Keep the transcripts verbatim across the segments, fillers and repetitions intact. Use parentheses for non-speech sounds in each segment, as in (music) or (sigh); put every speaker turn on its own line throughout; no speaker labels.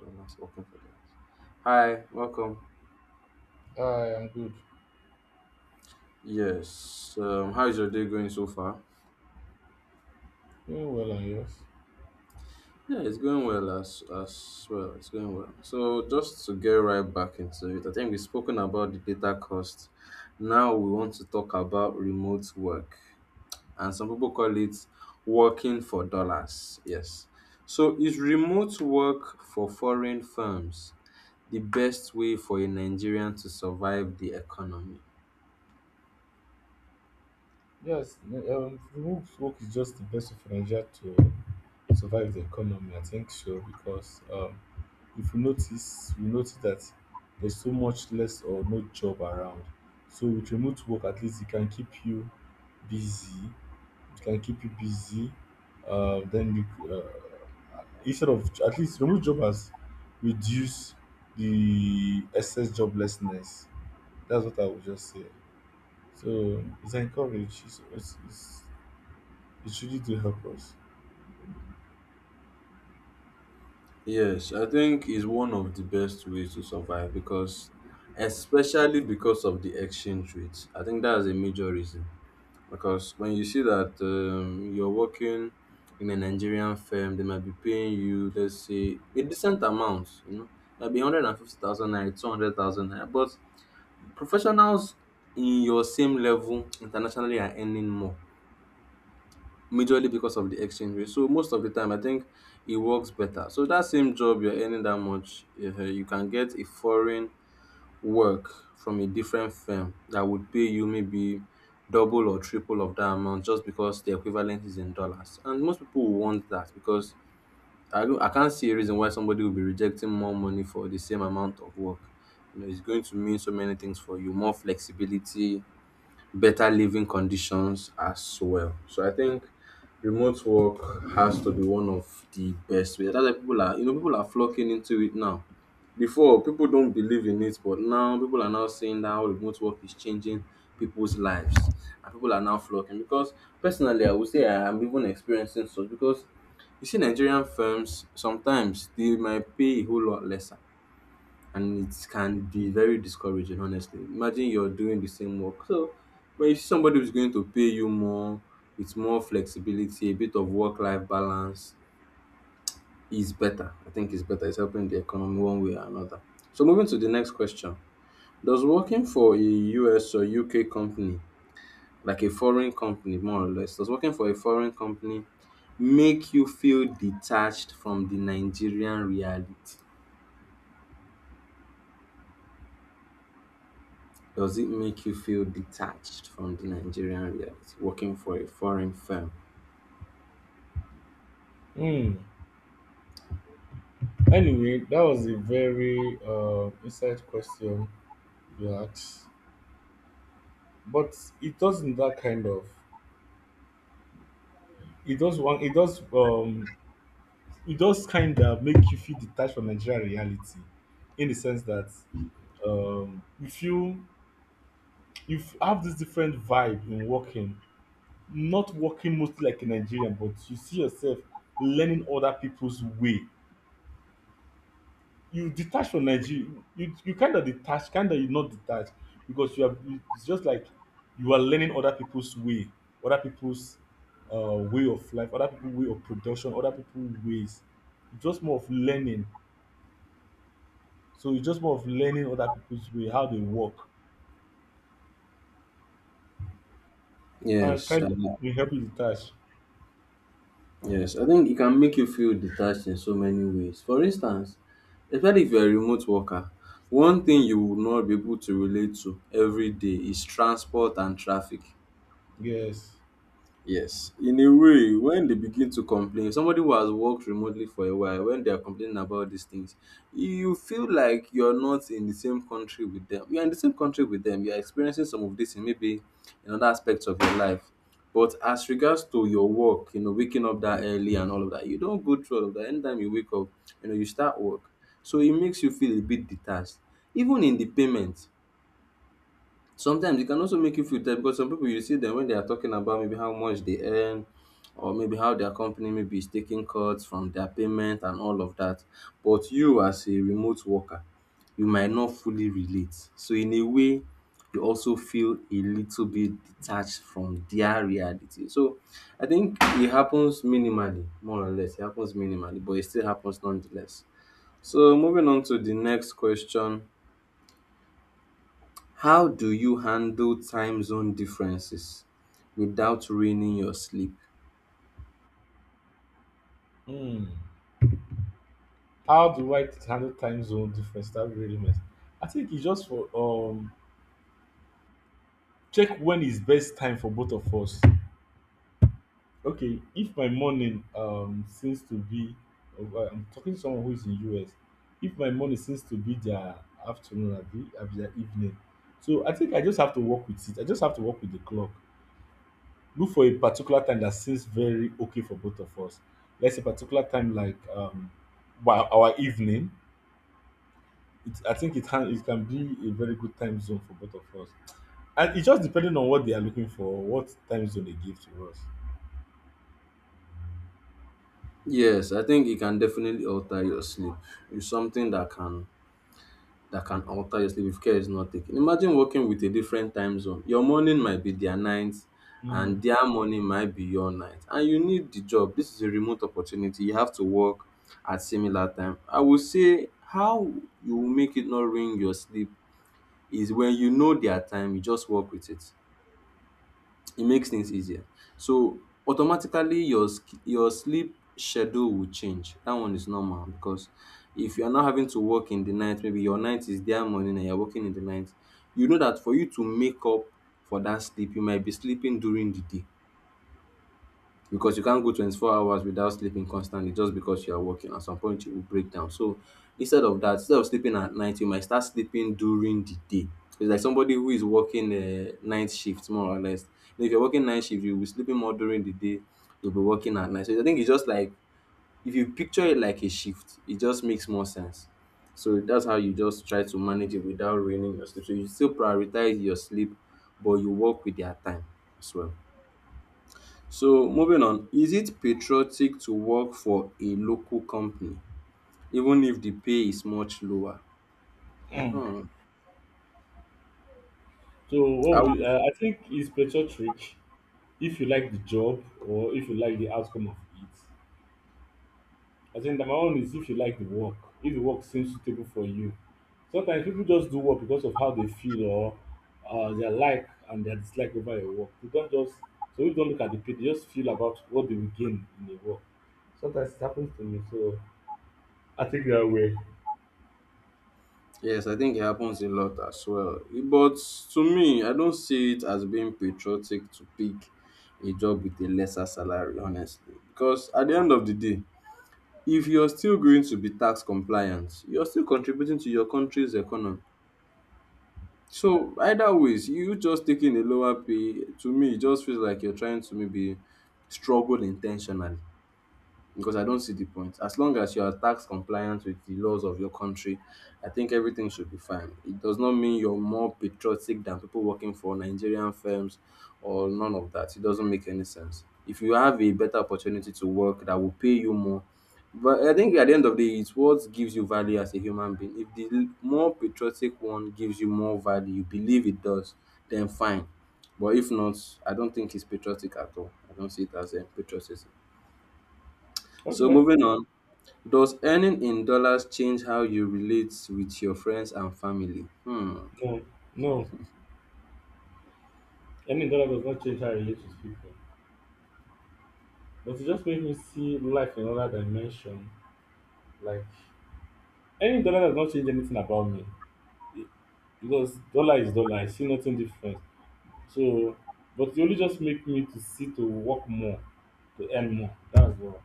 Dollars, working for dollars. Hi, welcome.
I am good.
Yes. Um, how is your day going so far?
Doing well and yours?
Yeah, it's going well as as well. It's going well. So just to get right back into it, I think we've spoken about the data cost. Now we want to talk about remote work, and some people call it working for dollars. Yes. So is remote work for foreign firms the best way for a Nigerian to survive the economy?
Yes, n- um, remote work is just the best of Nigeria to uh, survive the economy. I think so because um, if you notice, we notice that there's so much less or no job around. So with remote work, at least it can keep you busy. It can keep you busy. Uh, then you, uh, instead of at least remote job has reduced the excess joblessness. That's what I would just say. So it's encouraged. It's, it's, it's, it's really to help us.
Yes, I think is one of the best ways to survive because, especially because of the exchange rate. I think that's a major reason because when you see that um, you're working in a Nigerian firm, they might be paying you, let's say, a decent amount, you know, maybe a hundred and fifty thousand naira, two hundred thousand naira. But professionals in your same level internationally are earning more majorly because of the exchange rate. So most of the time, I think it works better. So that same job you're earning that much, uh, you can get a foreign work from a different firm that would pay you maybe double or triple of that amount just because the equivalent is in dollars. And most people will want that because I don't, I can't see a reason why somebody will be rejecting more money for the same amount of work. You know, it's going to mean so many things for you, more flexibility, better living conditions as well. So I think remote work has to be one of the best ways. That's why people are you know people are flocking into it now. Before people don't believe in it, but now people are now saying that how remote work is changing people's lives, and people are now flocking. Because personally, I would say I am even experiencing such because you see Nigerian firms sometimes they might pay a whole lot lesser, and it can be very discouraging, honestly. Imagine you're doing the same work. So when you see somebody who's going to pay you more with more flexibility, a bit of work-life balance is better. I think it's better. It's helping the economy one way or another. So moving to the next question, does working for a U S or U K company, like a foreign company, more or less, does working for a foreign company make you feel detached from the Nigerian reality? Does it make you feel detached from the Nigerian reality working for a foreign firm?
Hmm. Anyway, that was a very uh, insight question you asked, but it doesn't that kind of. It does one. It does um. It does kind of make you feel detached from Nigeria reality, in the sense that um, if you if you have this different vibe in working, not working mostly like a Nigerian, but you see yourself learning other people's way, you detach from Nigeria. You you kind of detach, kind of you not detach because you are. It's just like you are learning other people's way, other people's uh, way of life, other people's way of production, other people's ways. It's just more of learning. So it's just more of learning other people's way, how they work, and
Yes, I
kind of will help you detach.
yes. I think it can make you feel detached in so many ways. For instance, especially if you're a remote worker, one thing you will not be able to relate to every day is transport and traffic.
Yes.
Yes, in a way, when they begin to complain, somebody who has worked remotely for a while, when they are complaining about these things, you feel like you're not in the same country with them. You're in the same country with them. You're experiencing some of this in maybe in other aspects of your life. But as regards to your work, you know, waking up that early and all of that, you don't go through all of that. Anytime you wake up, you know, you start work. So it makes you feel a bit detached. Even in the payment, sometimes it can also make you feel tired because some people you see them when they are talking about maybe how much they earn or maybe how their company maybe is taking cuts from their payment and all of that. But you as a remote worker, you might not fully relate. So in a way, you also feel a little bit detached from their reality. So I think it happens minimally, more or less. It happens minimally, but it still happens nonetheless. So moving on to the next question, how do you handle time zone differences without ruining your sleep?
Hmm. How do I handle time zone difference? That really matters. I think it's just for um check when is best time for both of us. Okay, if my morning um seems to be uh, I'm talking to someone who is in US, if my morning seems to be their afternoon, abi abi their evening. So I think I just have to work with it. I just have to work with the clock, look for a particular time that seems very okay for both of us. Let's say particular time like um by our evening, it, I think it can it can be a very good time zone for both of us, and it just depending on what they are looking for, what time zone they give to us.
Yes, I think it can definitely alter your sleep. It's something that can that can alter your sleep if care is not taken. Imagine working with a different time zone. Your morning might be their night and
Mm.
their morning might be your night. And you need the job. This is a remote opportunity. You have to work at similar time. I will say how you will make it not ruin your sleep is when you know their time, you just work with it. It makes things easier. So automatically your sk- your sleep schedule will change. That one is normal because if you are not having to work in the night, maybe your night is their morning and you're working in the night, you know that for you to make up for that sleep, you might be sleeping during the day because you can't go twenty-four hours without sleeping constantly just because you are working. At some point, you will break down. So instead of that, instead of sleeping at night, you might start sleeping during the day. So it's like somebody who is working a night shift, more or less. If you're working night shift, you'll be sleeping more during the day. You'll be working at night. So I think it's just like, if you picture it like a shift, it just makes more sense. So that's how you just try to manage it without ruining your sleep. So you still prioritize your sleep, but you work with their time as well. So moving on, is it patriotic to work for a local company even if the pay is much lower? Hmm.
So what
I
we
would-
uh, I think it's better trick if you like the job or if you like the outcome of it. I think number one is if you like the work, if the work seems suitable for you. Sometimes people just do work because of how they feel or uh, their like and their dislike over a work. They don't just so we don't look at the pay, they just feel about what they will gain in the work. Sometimes it happens to me, so I take that way.
yes, I think it happens a lot as well. But to me, I don't see it as being patriotic to pick a job with a lesser salary, honestly. Because at the end of the day, if you're still going to be tax compliant, you're still contributing to your country's economy. So either ways, you just taking a lower pay, to me, it just feels like you're trying to maybe struggle intentionally because I don't see the point. As long as you are tax compliant with the laws of your country, I think everything should be fine. It does not mean you're more patriotic than people working for Nigerian firms or none of that. It doesn't make any sense. If you have a better opportunity to work that will pay you more, but I think at the end of the day, it's what gives you value as a human being. If the l- more patriotic one gives you more value, you believe it does, then fine. But if not, I don't think it's patriotic at all. I don't see it as a patriotism. So
Okay.
moving on, does earning in dollars change how you relate with your friends and family? Hmm,
No, no. Any dollar does not change how I relate with people. But it just makes me see life in another dimension. Like any dollar does not change anything about me. It- Because dollar is dollar. I see nothing different. So, but it only just make me to see to work more, to earn more. That's all.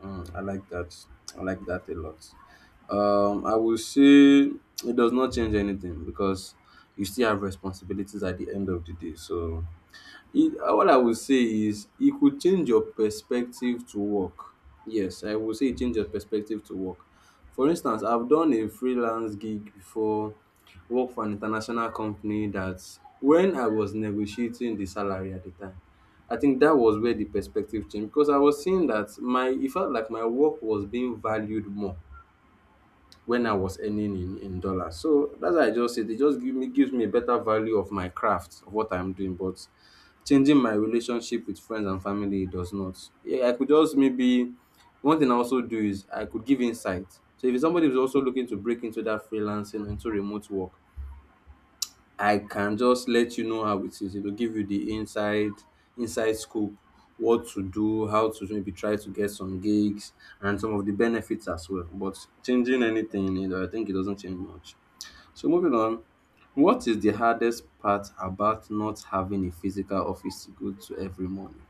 hmm, I like that. I like that a lot. Um, I will say it does not change anything because you still have responsibilities at the end of the day. So it, all I would say is it could change your perspective to work. Yes, I would say it change your perspective to work. For instance, I've done a freelance gig before, work for an international company that when I was negotiating the salary at the time, I think that was where the perspective changed because I was seeing that my it felt like my work was being valued more when I was earning in in dollars. So that's why I just said it just give me gives me a better value of my craft of what I'm doing. But changing my relationship with friends and family it does not. Yeah, I could just maybe one thing I also do is I could give insight. So if somebody is also looking to break into that freelancing into remote work, I can just let you know how it is. It'll give you the inside inside scoop, what to do, how to maybe try to get some gigs, and some of the benefits as well. But changing anything, you know, I think it doesn't change much. So moving on, what is the hardest part about not having a physical office to go to every morning?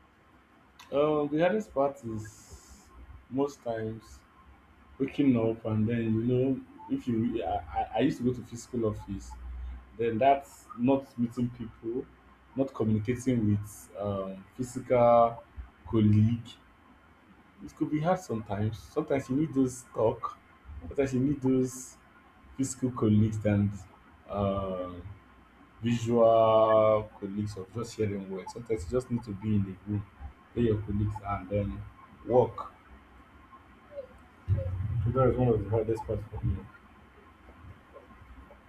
Um, the hardest part is most times waking up, and then you know if you I, I I used to go to physical office, then that's not meeting people, not communicating with um, physical colleague. It could be hard sometimes. Sometimes you need those talk. Sometimes you need those physical colleagues and um visual colleagues of just sharing words. Sometimes you just need to be in the room where your colleagues are and then work. So that is one of the hardest parts for me.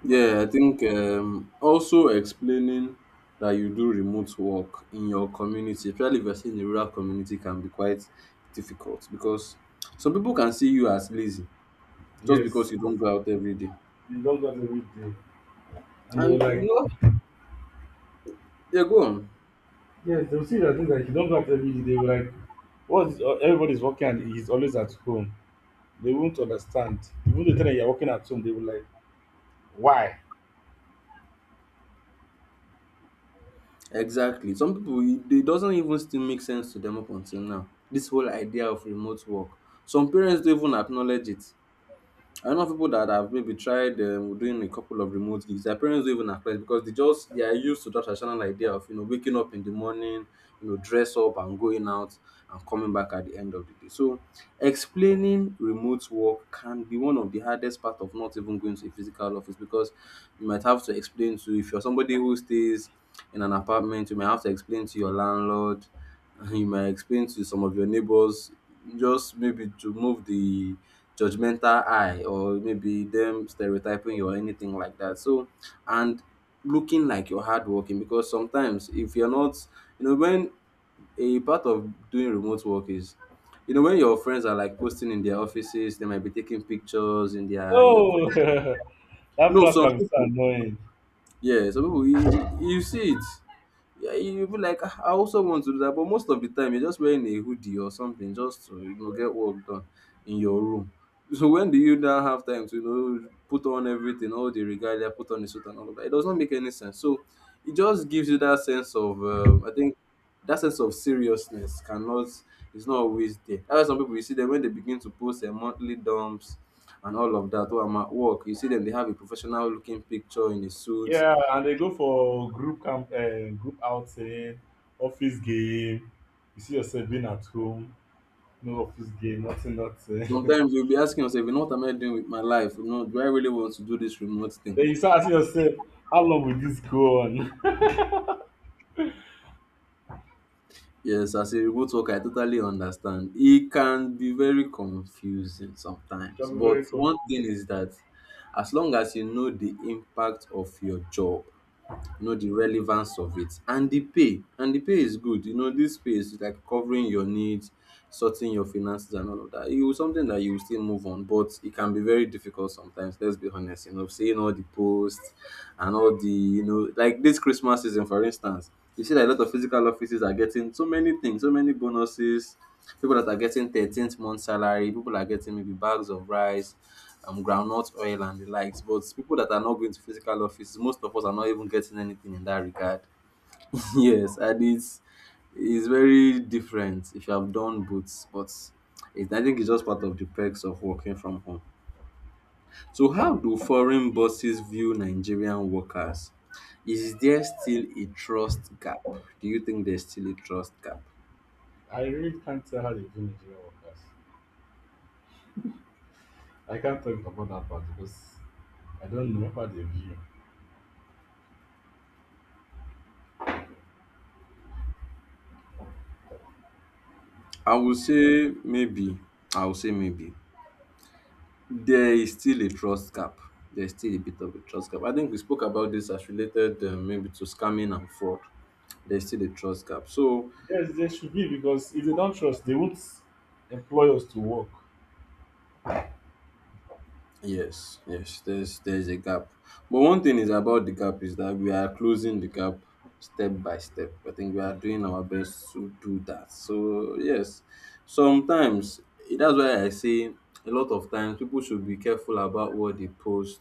Yeah, I think um, also explaining that you do remote work in your community, especially if you're still in a rural community, can be quite difficult because some people can see you as lazy just because
Yes,
you don't go out every day.
you don't go out every day. And they were
And you
like,
know, yeah, go on.
yes, they'll see that things like you don't go out every day. They were like, what is, uh, everybody's working and he's always at home. They won't understand. Even the time that you're working at home, they will like, why?
Exactly. Some people, it it doesn't even still make sense to them up until now. This whole idea of remote work. Some parents don't even acknowledge it. I know people that have maybe tried um, doing a couple of remote gigs. Their parents don't even acknowledge because they just they are used to that traditional idea of, you know, waking up in the morning, you know, dress up and going out and coming back at the end of the day. So explaining remote work can be one of the hardest part of not even going to a physical office because you might have to explain to, if you're somebody who stays in an apartment, you may have to explain to your landlord. (laughs) You might explain to some of your neighbors, just maybe to move the judgmental eye or maybe them stereotyping you or anything like that. So, and looking like you're hardworking, because sometimes if you're not, you know, when a part of doing remote work is, you know, when your friends are like posting in their offices, they might be taking pictures in their, you know, co-
Oh, (laughs) that
no,
plus
some
can be so
people,
annoying.
yeah, some people, you, you see it. Yeah, you be like, "Ah, I also want to do that," but most of the time you're just wearing a hoodie or something just to you know get work done in your room. So when do you now have time to you know put on everything, all the regalia, put on the suit and all of that? It does not make any sense. So it just gives you that sense of um, I think that sense of seriousness cannot, is not always there. That's why some people, you see them when they begin to post their monthly dumps and all of that. Oh, I'm at work. You see them, they have a professional looking picture in a suit.
Yeah, and they go for group camp, uh, group outing, office game. You see yourself being at home, no office game, nothing, nothing. (laughs)
Sometimes you'll be asking yourself, you know, what am I doing with my life? You know, do I really want to do this remote thing?
Then you start asking yourself, how long will this go on?
Yes, as a remote worker, I totally understand. It can be very confusing
(laughs) You'll
sometimes.
be
But
very
one thing
confused.
is that as long as you know the impact of your job, you know the relevance of it, and the pay, and the pay is good, you know, this pay is like covering your needs, sorting your finances and all of that, it was something that you will still move on. But it can be very difficult sometimes. Let's be honest, you know, seeing all the posts and all the, you know, like this Christmas season, for instance, you see that a lot of physical offices are getting so many things, so many bonuses. People that are getting thirteenth month salary, people are getting maybe bags of rice, um, groundnut oil and the likes. But people that are not going to physical office, most of us are not even getting anything in that regard. (laughs) Yes, and it's it's very different if you have done both, but it, I think it's just part of the perks of working from home. So, how do foreign bosses view Nigerian workers? Is there still a trust gap? Do you think there's still a trust gap?
I really can't tell how they view Nigerian workers. I can't talk about that part because I don't know how they view.
I would say maybe. I would say maybe. There is still a trust gap. There's still a bit of a trust gap. I think we spoke about this as related uh, maybe to scamming and fraud. There's still a trust gap. So
Yes, they should be because if they don't trust, they won't employ us to work.
yes, yes, there's there's a gap. But one thing is about the gap is that we are closing the gap step by step. I think we are doing our best to do that. So yes, sometimes, eh, that's why I say a lot of times people should be careful about what they post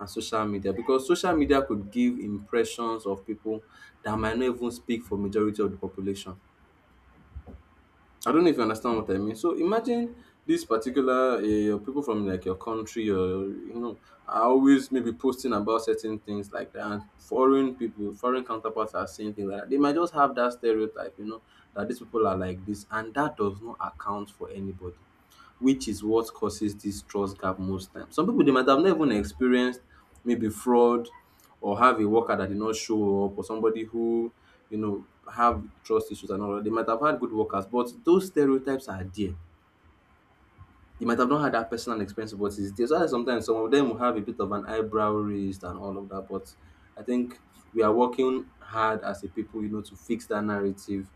and social media, because social media could give impressions of people that might not even speak for majority of the population. I don't know if you understand what I mean. So imagine this particular uh, people from like your country, or you know, are always maybe posting about certain things like that. And foreign people, foreign counterparts are saying things like that. They might just have that stereotype, you know, that these people are like this, and that does not account for anybody, which is what causes this trust gap most times. Some people, they might have not even experienced maybe fraud, or have a worker that did not show up, or somebody who, you know, have trust issues and all that. They might have had good workers, but those stereotypes are there. You might have not had that personal experience, but it's there. So that's, sometimes some of them will have a bit of an eyebrow raised and all of that. But I think we are working hard as a people, you know, to fix that narrative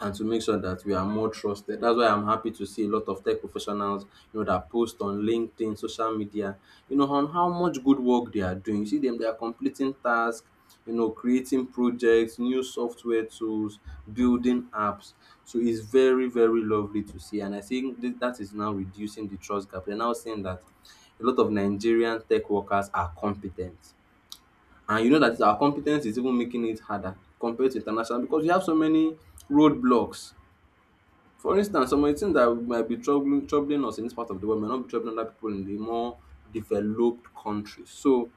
and to make sure that we are more trusted. That's why I'm happy to see a lot of tech professionals, you know, that post on LinkedIn, social media, you know, on how much good work they are doing. You see them, they are completing tasks, you know, creating projects, new software tools, building apps. So it's very, very lovely to see. And I think th- that is now reducing the trust gap. They're now saying that a lot of Nigerian tech workers are competent. And you know that our competence is even making it harder compared to international, because we have so many roadblocks. For instance, some of the things that might be troubling troubling us in this part of the world may not be troubling other people in the more developed countries. So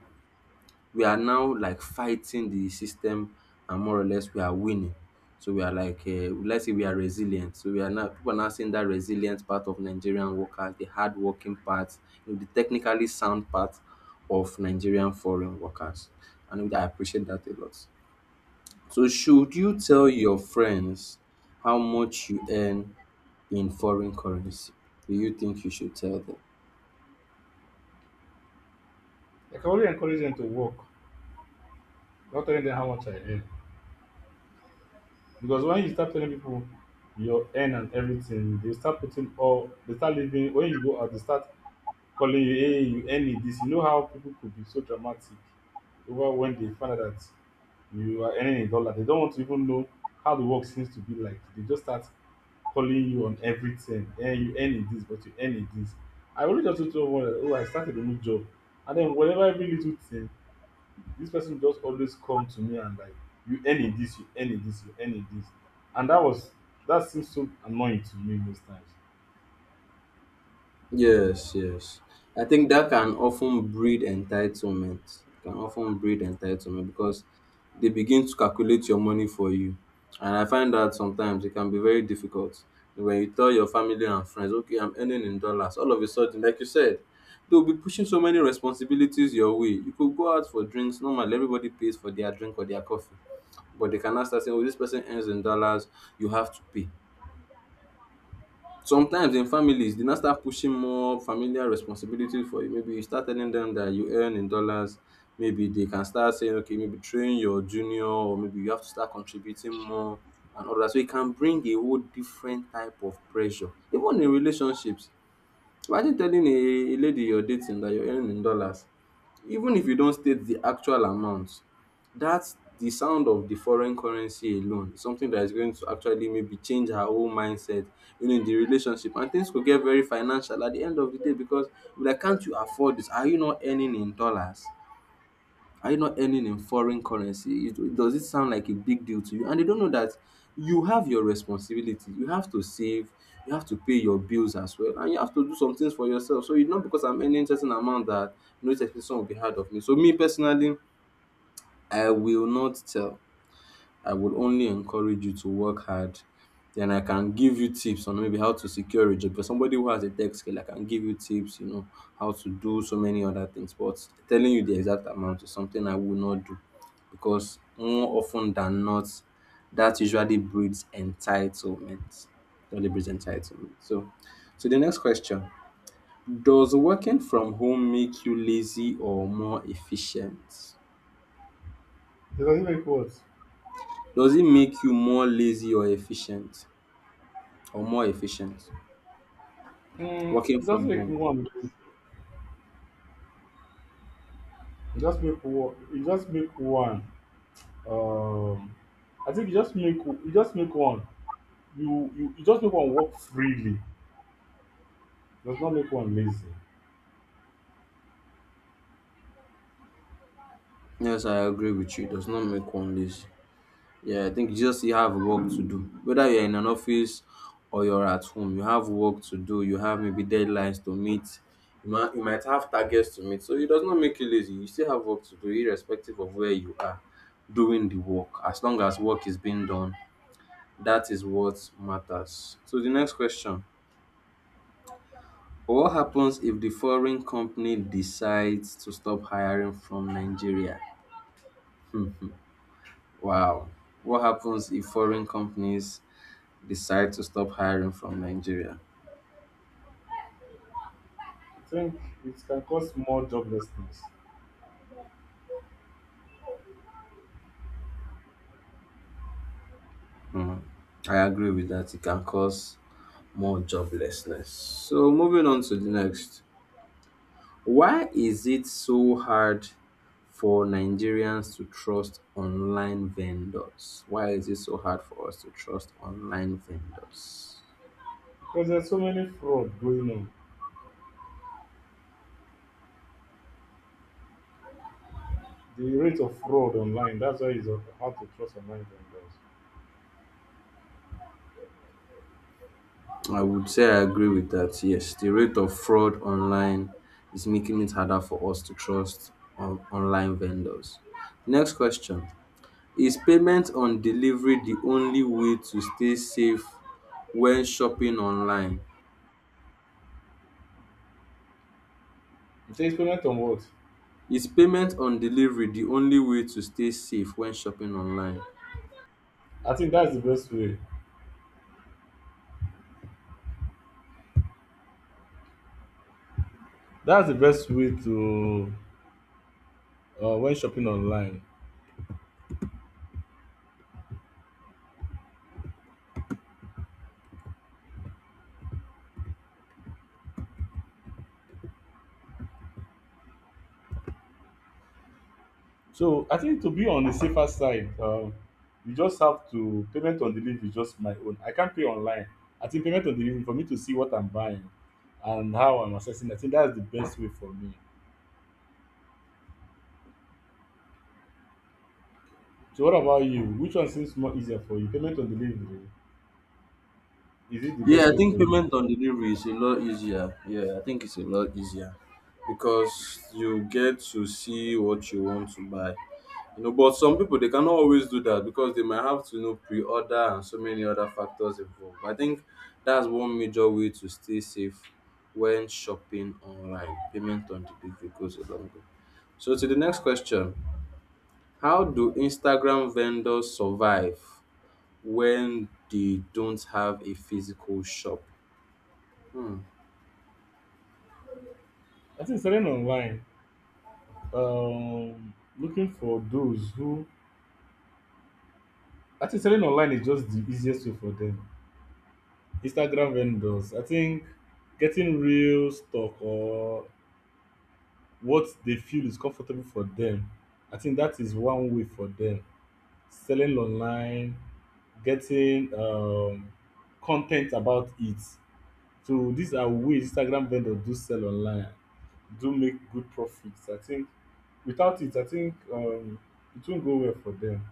we are now like fighting the system, and more or less we are winning. So we are like um let's say we are resilient. So we are now, people are now seeing that resilient part of Nigerian workers, the hardworking working part, you know, the technically sound part of Nigerian foreign workers. And I appreciate that a lot. So should you tell your friends how much you earn in foreign currency? Do you think you should tell them?
They can only encourage them to work, not telling them how much I earn. Because when you start telling people your earn and everything, they start putting all they start living when you go out, they start calling you, hey, you earn it this. You know how people could be so dramatic over when they find out that you are earning a dollar. They don't want to even know how the work seems to be like. They just start calling you on everything. Hey, you earn it this, but you earn it this. I already just told someone that oh I started a new job. And then whatever every little thing this person just always come to me and like you earn in this, you earn in this, you earn in this. And that was that seems so annoying to me most times.
Yes, yes. I think that can often breed entitlement. Can often breed entitlement, because they begin to calculate your money for you. And I find that sometimes it can be very difficult. When you tell your family and friends, okay, I'm earning in dollars, all of a sudden, like you said, they'll be pushing so many responsibilities your way. You could go out for drinks. Normally, everybody pays for their drink or their coffee. But they cannot start saying, oh, this person earns in dollars, you have to pay. Sometimes in families, dey now start pushing more familial responsibility for you. Maybe you start telling dem dat you earn in dollars. Maybe they can start saying, okay, maybe train your junior, or maybe you have to start contributing more and all dat. So, e can bring a whole different type of pressure. Even in relationships, imagine telling a, a lady you're dating that you're earning in dollars, even if you don't state the actual amount. That's the sound of the foreign currency alone, something that is going to actually maybe change her whole mindset, you know, in the relationship. And things could get very financial at the end of the day because, like, can't you afford this? Are you not earning in dollars? Are you not earning in foreign currency? It- does it sound like a big deal to you? And they don't know that you have your responsibility. You have to save, you have to pay your bills as well, and you have to do some things for yourself. So it's not because I'm earning certain amount that no expectation will be hard of me. So me personally, I will not tell. I would only encourage you to work hard. Then I can give you tips on maybe how to secure a job. For somebody who has a tech skill, I can give you tips, you know, how to do so many other things. But telling you the exact amount is something I will not do, because more often than not, that usually breeds entitlement. Usually breeds entitlement. So, so the next question: does working from home make you lazy or more efficient?
It doesn't make what?
Does it make you more lazy or efficient? Or more efficient.
Mm,
Working
it doesn't
from
make
home.
one it just make one it just make one um I think you just make you just make one you you you just make one work freely, does not make one lazy.
Yes, I agree with you. It does not make one lazy. Yeah, I think you just, you have work to do. Whether you're in an office or you're at home, you have work to do. You have maybe deadlines to meet. You might, you might have targets to meet. So it does not make you lazy. You still have work to do, irrespective of where you are doing the work. As long as work is being done, that is what matters. So the next question. What happens if the foreign company decides to stop hiring from Nigeria? Mhm. Wow. What happens if foreign companies decide to stop hiring from Nigeria?
I think it can cause more joblessness.
Mhm. I agree with that. It can cause more joblessness. So, moving on to the next. Why is it so hard for Nigerians to trust online vendors? Why is it so hard for us to trust online vendors?
Because there's so many fraud going on, the rate of fraud online, that's why it's hard to trust online vendors.
I would say I agree with that. Yes, the rate of fraud online is making it harder for us to trust on- online vendors. Next question. Is payment on delivery the only way to stay safe when shopping online?
You say experiment on what?
Is payment on delivery the only way to stay safe when shopping online?
I think that's the best way. That's the best way to uh, when shopping online. So I think to be on the safer side, um, you just have to payment on delivery is just my own. I can't pay online. I think payment on delivery for me to see what I'm buying and how I'm assessing. I think that's the best way for me. So what about you? Which one seems more easier for you? Payment on delivery, is it the
Yeah,
best
I
way
think
for you?
payment on delivery is a lot easier. Yeah, I think it's a lot easier because you get to see what you want to buy. You know, but some people they cannot always do that because they might have to you know pre-order and so many other factors involved. I think that's one major way to stay safe when shopping online. Payment on delivery goes a long way. So to the next question, how do Instagram vendors survive when they don't have a physical shop?
I think selling online, um, looking for those who I think selling online is just the easiest way for them. Instagram vendors, I think getting real stock or what they feel is comfortable for them, I think that is one way for them. Selling online, getting um, content about it. So these are ways Instagram vendors do sell online, do make good profits. I think without it, I think um, it won't go well for them.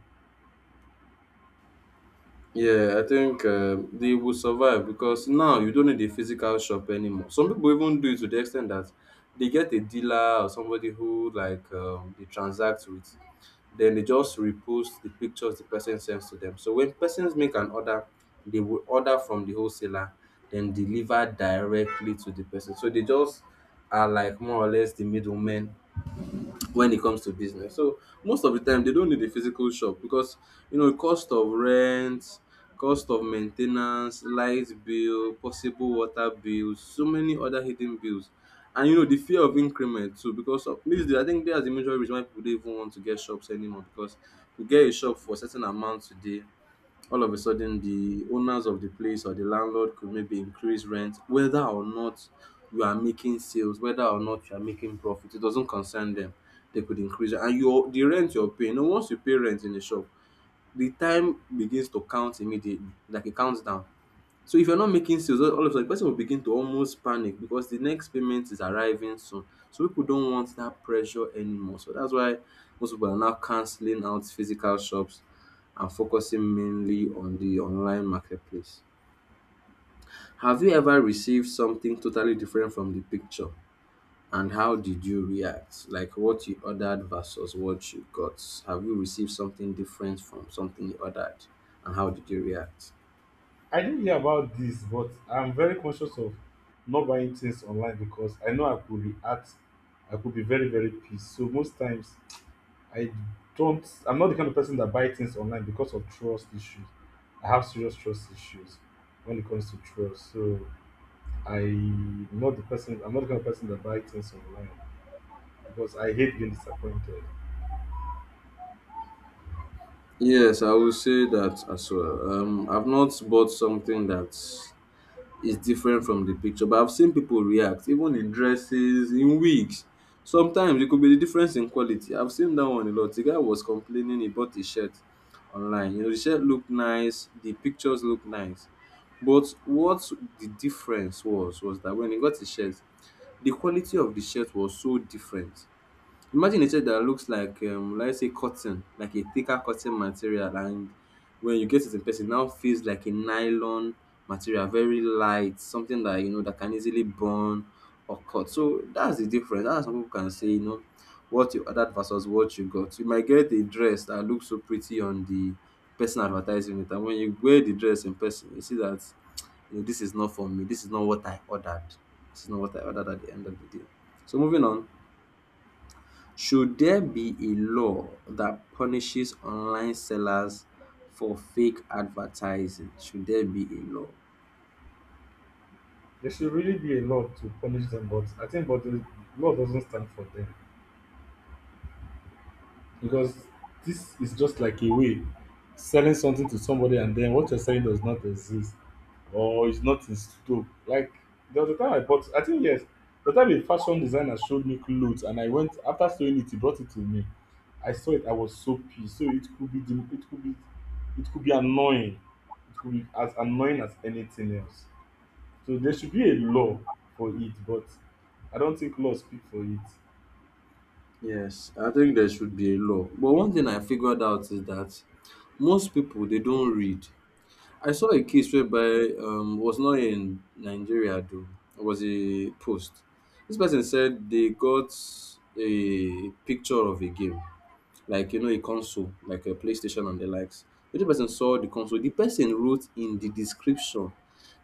Yeah, I think um, they will survive because now you don't need a physical shop anymore. Some people even do it to the extent that they get a dealer or somebody who like um, they transact with. Then they just repost the pictures the person sends to them. So when persons make an order, they will order from the wholesaler, then deliver directly to the person. So they just are like more or less the middlemen when it comes to business. So most of the time they don't need a physical shop because you know cost of rent, cost of maintenance, light bill, possible water bills, so many other hidden bills. And you know the fear of increment too, because of these days. I think that's the major reason why people don't even want to get shops anymore, because you get a shop for a certain amount today, all of a sudden the owners of the place or the landlord could maybe increase rent, whether or not you are making sales, whether or not you are making profit, it doesn't concern them, they could increase it. And your the rent you're paying, and once you pay rent in the shop, the time begins to count immediately like a countdown. So if you're not making sales, all all of a sudden the person will begin to almost panic because the next payment is arriving soon. So people don't want that pressure anymore. So that's why most people are now cancelling out physical shops and focusing mainly on the online marketplace. Have you ever received something totally different from the picture? And how did you react? Like what you ordered versus what you got? Have you received something different from something you ordered? And how did you react?
I didn't hear about this, but I'm very conscious of not buying things online because I know I could react. I could be very, very pissed. So most times I don't I'm not the kind of person that buy things online because of trust issues. I have serious trust issues when it comes to trust. So I'm not the person I'm not the kind of person that buy things online because I hate being disappointed.
Yes, I will say that as well. Um, I've not bought something that is different from the picture, but I've seen people react, even in dresses, in wigs. Sometimes it could be the difference in quality. I've seen that one a lot. The guy was complaining he bought a shirt online. You know, the shirt looked nice, the pictures looked nice. But what the difference was was that when he got the shirt, the quality of the shirt was so different. Imagine a chair that looks like um let's say cotton, like a thicker cotton material, and when you get it in person it now feels like a nylon material, very light, something that you know that can easily burn or cut. So that's the difference. That's how people can say, you know, what you ordered versus what you got. You might get a dress that looks so pretty on the person advertising it, and when you wear the dress in person, you see that, you know, this is not for me, this is not what I ordered. This is not what I ordered at the end of the day. So moving on. Should there be a law that punishes online sellers for fake advertising? Should there be a law?
There should really be a law to punish them, but I think but the law doesn't stand for them. Because this is just like a way selling something to somebody and then what you're selling does not exist or it's not in stock. Like there was a time I bought I think yes, the time a fashion designer showed me clothes and I went after sewing it, he brought it to me. I saw it, I was so pissed. So it could be the- it could be it could be annoying. It could be as annoying as anything else. So there should be a law for it, but I don't think law speak for it.
Yes, I think there should be a law. But one thing I figured out is that most people they don't read. I saw a case whereby um was not in Nigeria though. It was a post. This person said they got a picture of a game, like you know a console, like a PlayStation and the likes. When the person saw the console, the person wrote in the description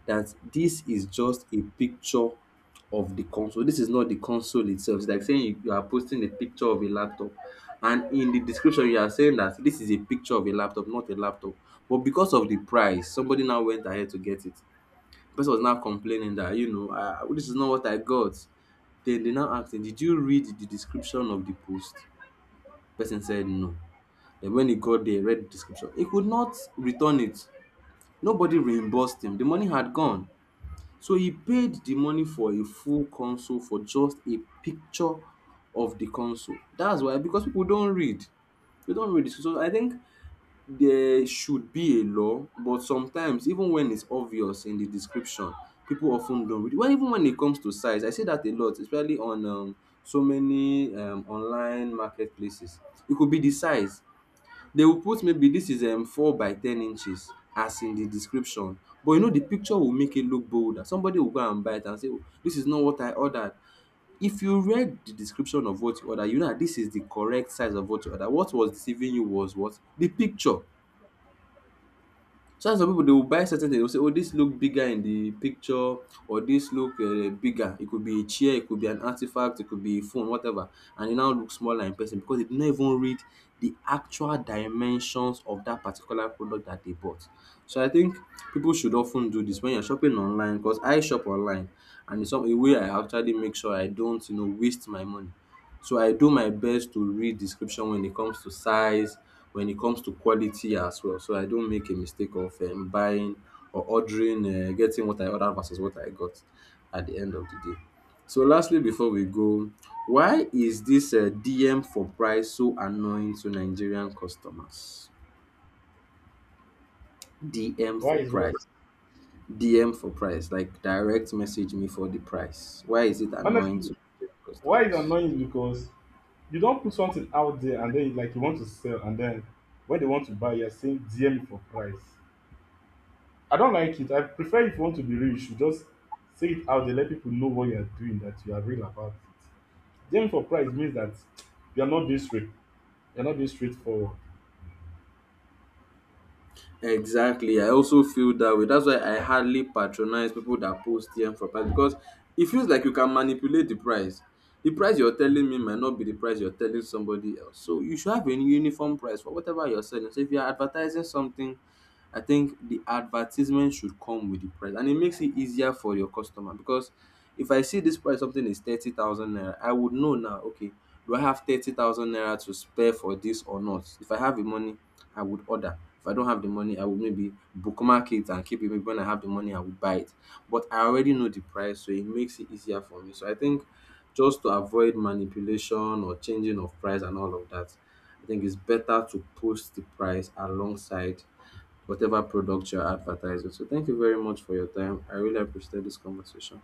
that this is just a picture of the console, this is not the console itself. It's like saying you, you are posting a picture of a laptop and in the description you are saying that this is a picture of a laptop, not a laptop. But because of the price somebody now went ahead to get it. The person was now complaining that, you know, uh, this is not what I got. Then they now asked him, did you read the description of the post? Person said no. Then when he got there, read the description, he could not return it. Nobody reimbursed him. The money had gone. So he paid the money for a full console for just a picture of the console. That's why, because people don't read. They don't read. So I think there should be a law, but sometimes, even when it's obvious in the description, people often don't read. Well, even when it comes to size, I say that a lot, especially on um, so many um, online marketplaces. It could be the size. They will put maybe this is um, four by ten inches as in the description. But you know, the picture will make it look bolder. Somebody will go and buy it and say, "Oh, this is not what I ordered. If you read the description of what you order, you know that this is the correct size of what you order. What was deceiving you was what? The picture." So that's why people they will buy certain things. They will say, "Oh, this look bigger in the picture, or this look uh, bigger. It could be a chair, it could be an artifact, it could be a phone, whatever." And it now looks smaller in person because they did not even read the actual dimensions of that particular product that they bought. So I think people should often do this when you're shopping online, because I shop online, and it's some- a way I actually make sure I don't, you know, waste my money. So I do my best to read description when it comes to size, when it comes to quality as well. So I don't make a mistake of um, buying or ordering, uh, getting what I ordered versus what I got at the end of the day. So lastly, before we go, why is this uh, D M for price so annoying to Nigerian customers? D M
Why
for
is what?
price. D M for price, like direct message me for the price. Why is it annoying to
Honestly,
Nigerian
why is
customers?
annoying is because you don put something out there and then you like you want to sell and then when they want to buy you're saying D M me for price. I don't like it. I prefer if you want to be real you should just say it out there, let people know what you're doing, that you are real about it. D M for price means that you are not being straight, you are not being straightforward.
Exactly. I also feel that way. That's why I hardly patronize people that post T M for price, because it feels like you can manipulate the price. The price you're telling me might not be the price you're telling somebody else. So you should have a uniform price for whatever you're selling. So if you're advertising something, I think the advertisement should come with the price, and it makes it easier for your customer because if I see this price something is thirty thousand naira, I would know now, okay, do I have thirty thousand naira to spare for this or not? If I have the money, I would order. If I don't have the money, I would maybe bookmark it and keep it. Maybe when I have the money, I would buy it. But I already know the price, so it makes it easier for me. So I think just to avoid manipulation or changing of price and all of that, I think it's better to post the price alongside whatever product you're advertising. So thank you very much for your time. I really appreciated this conversation.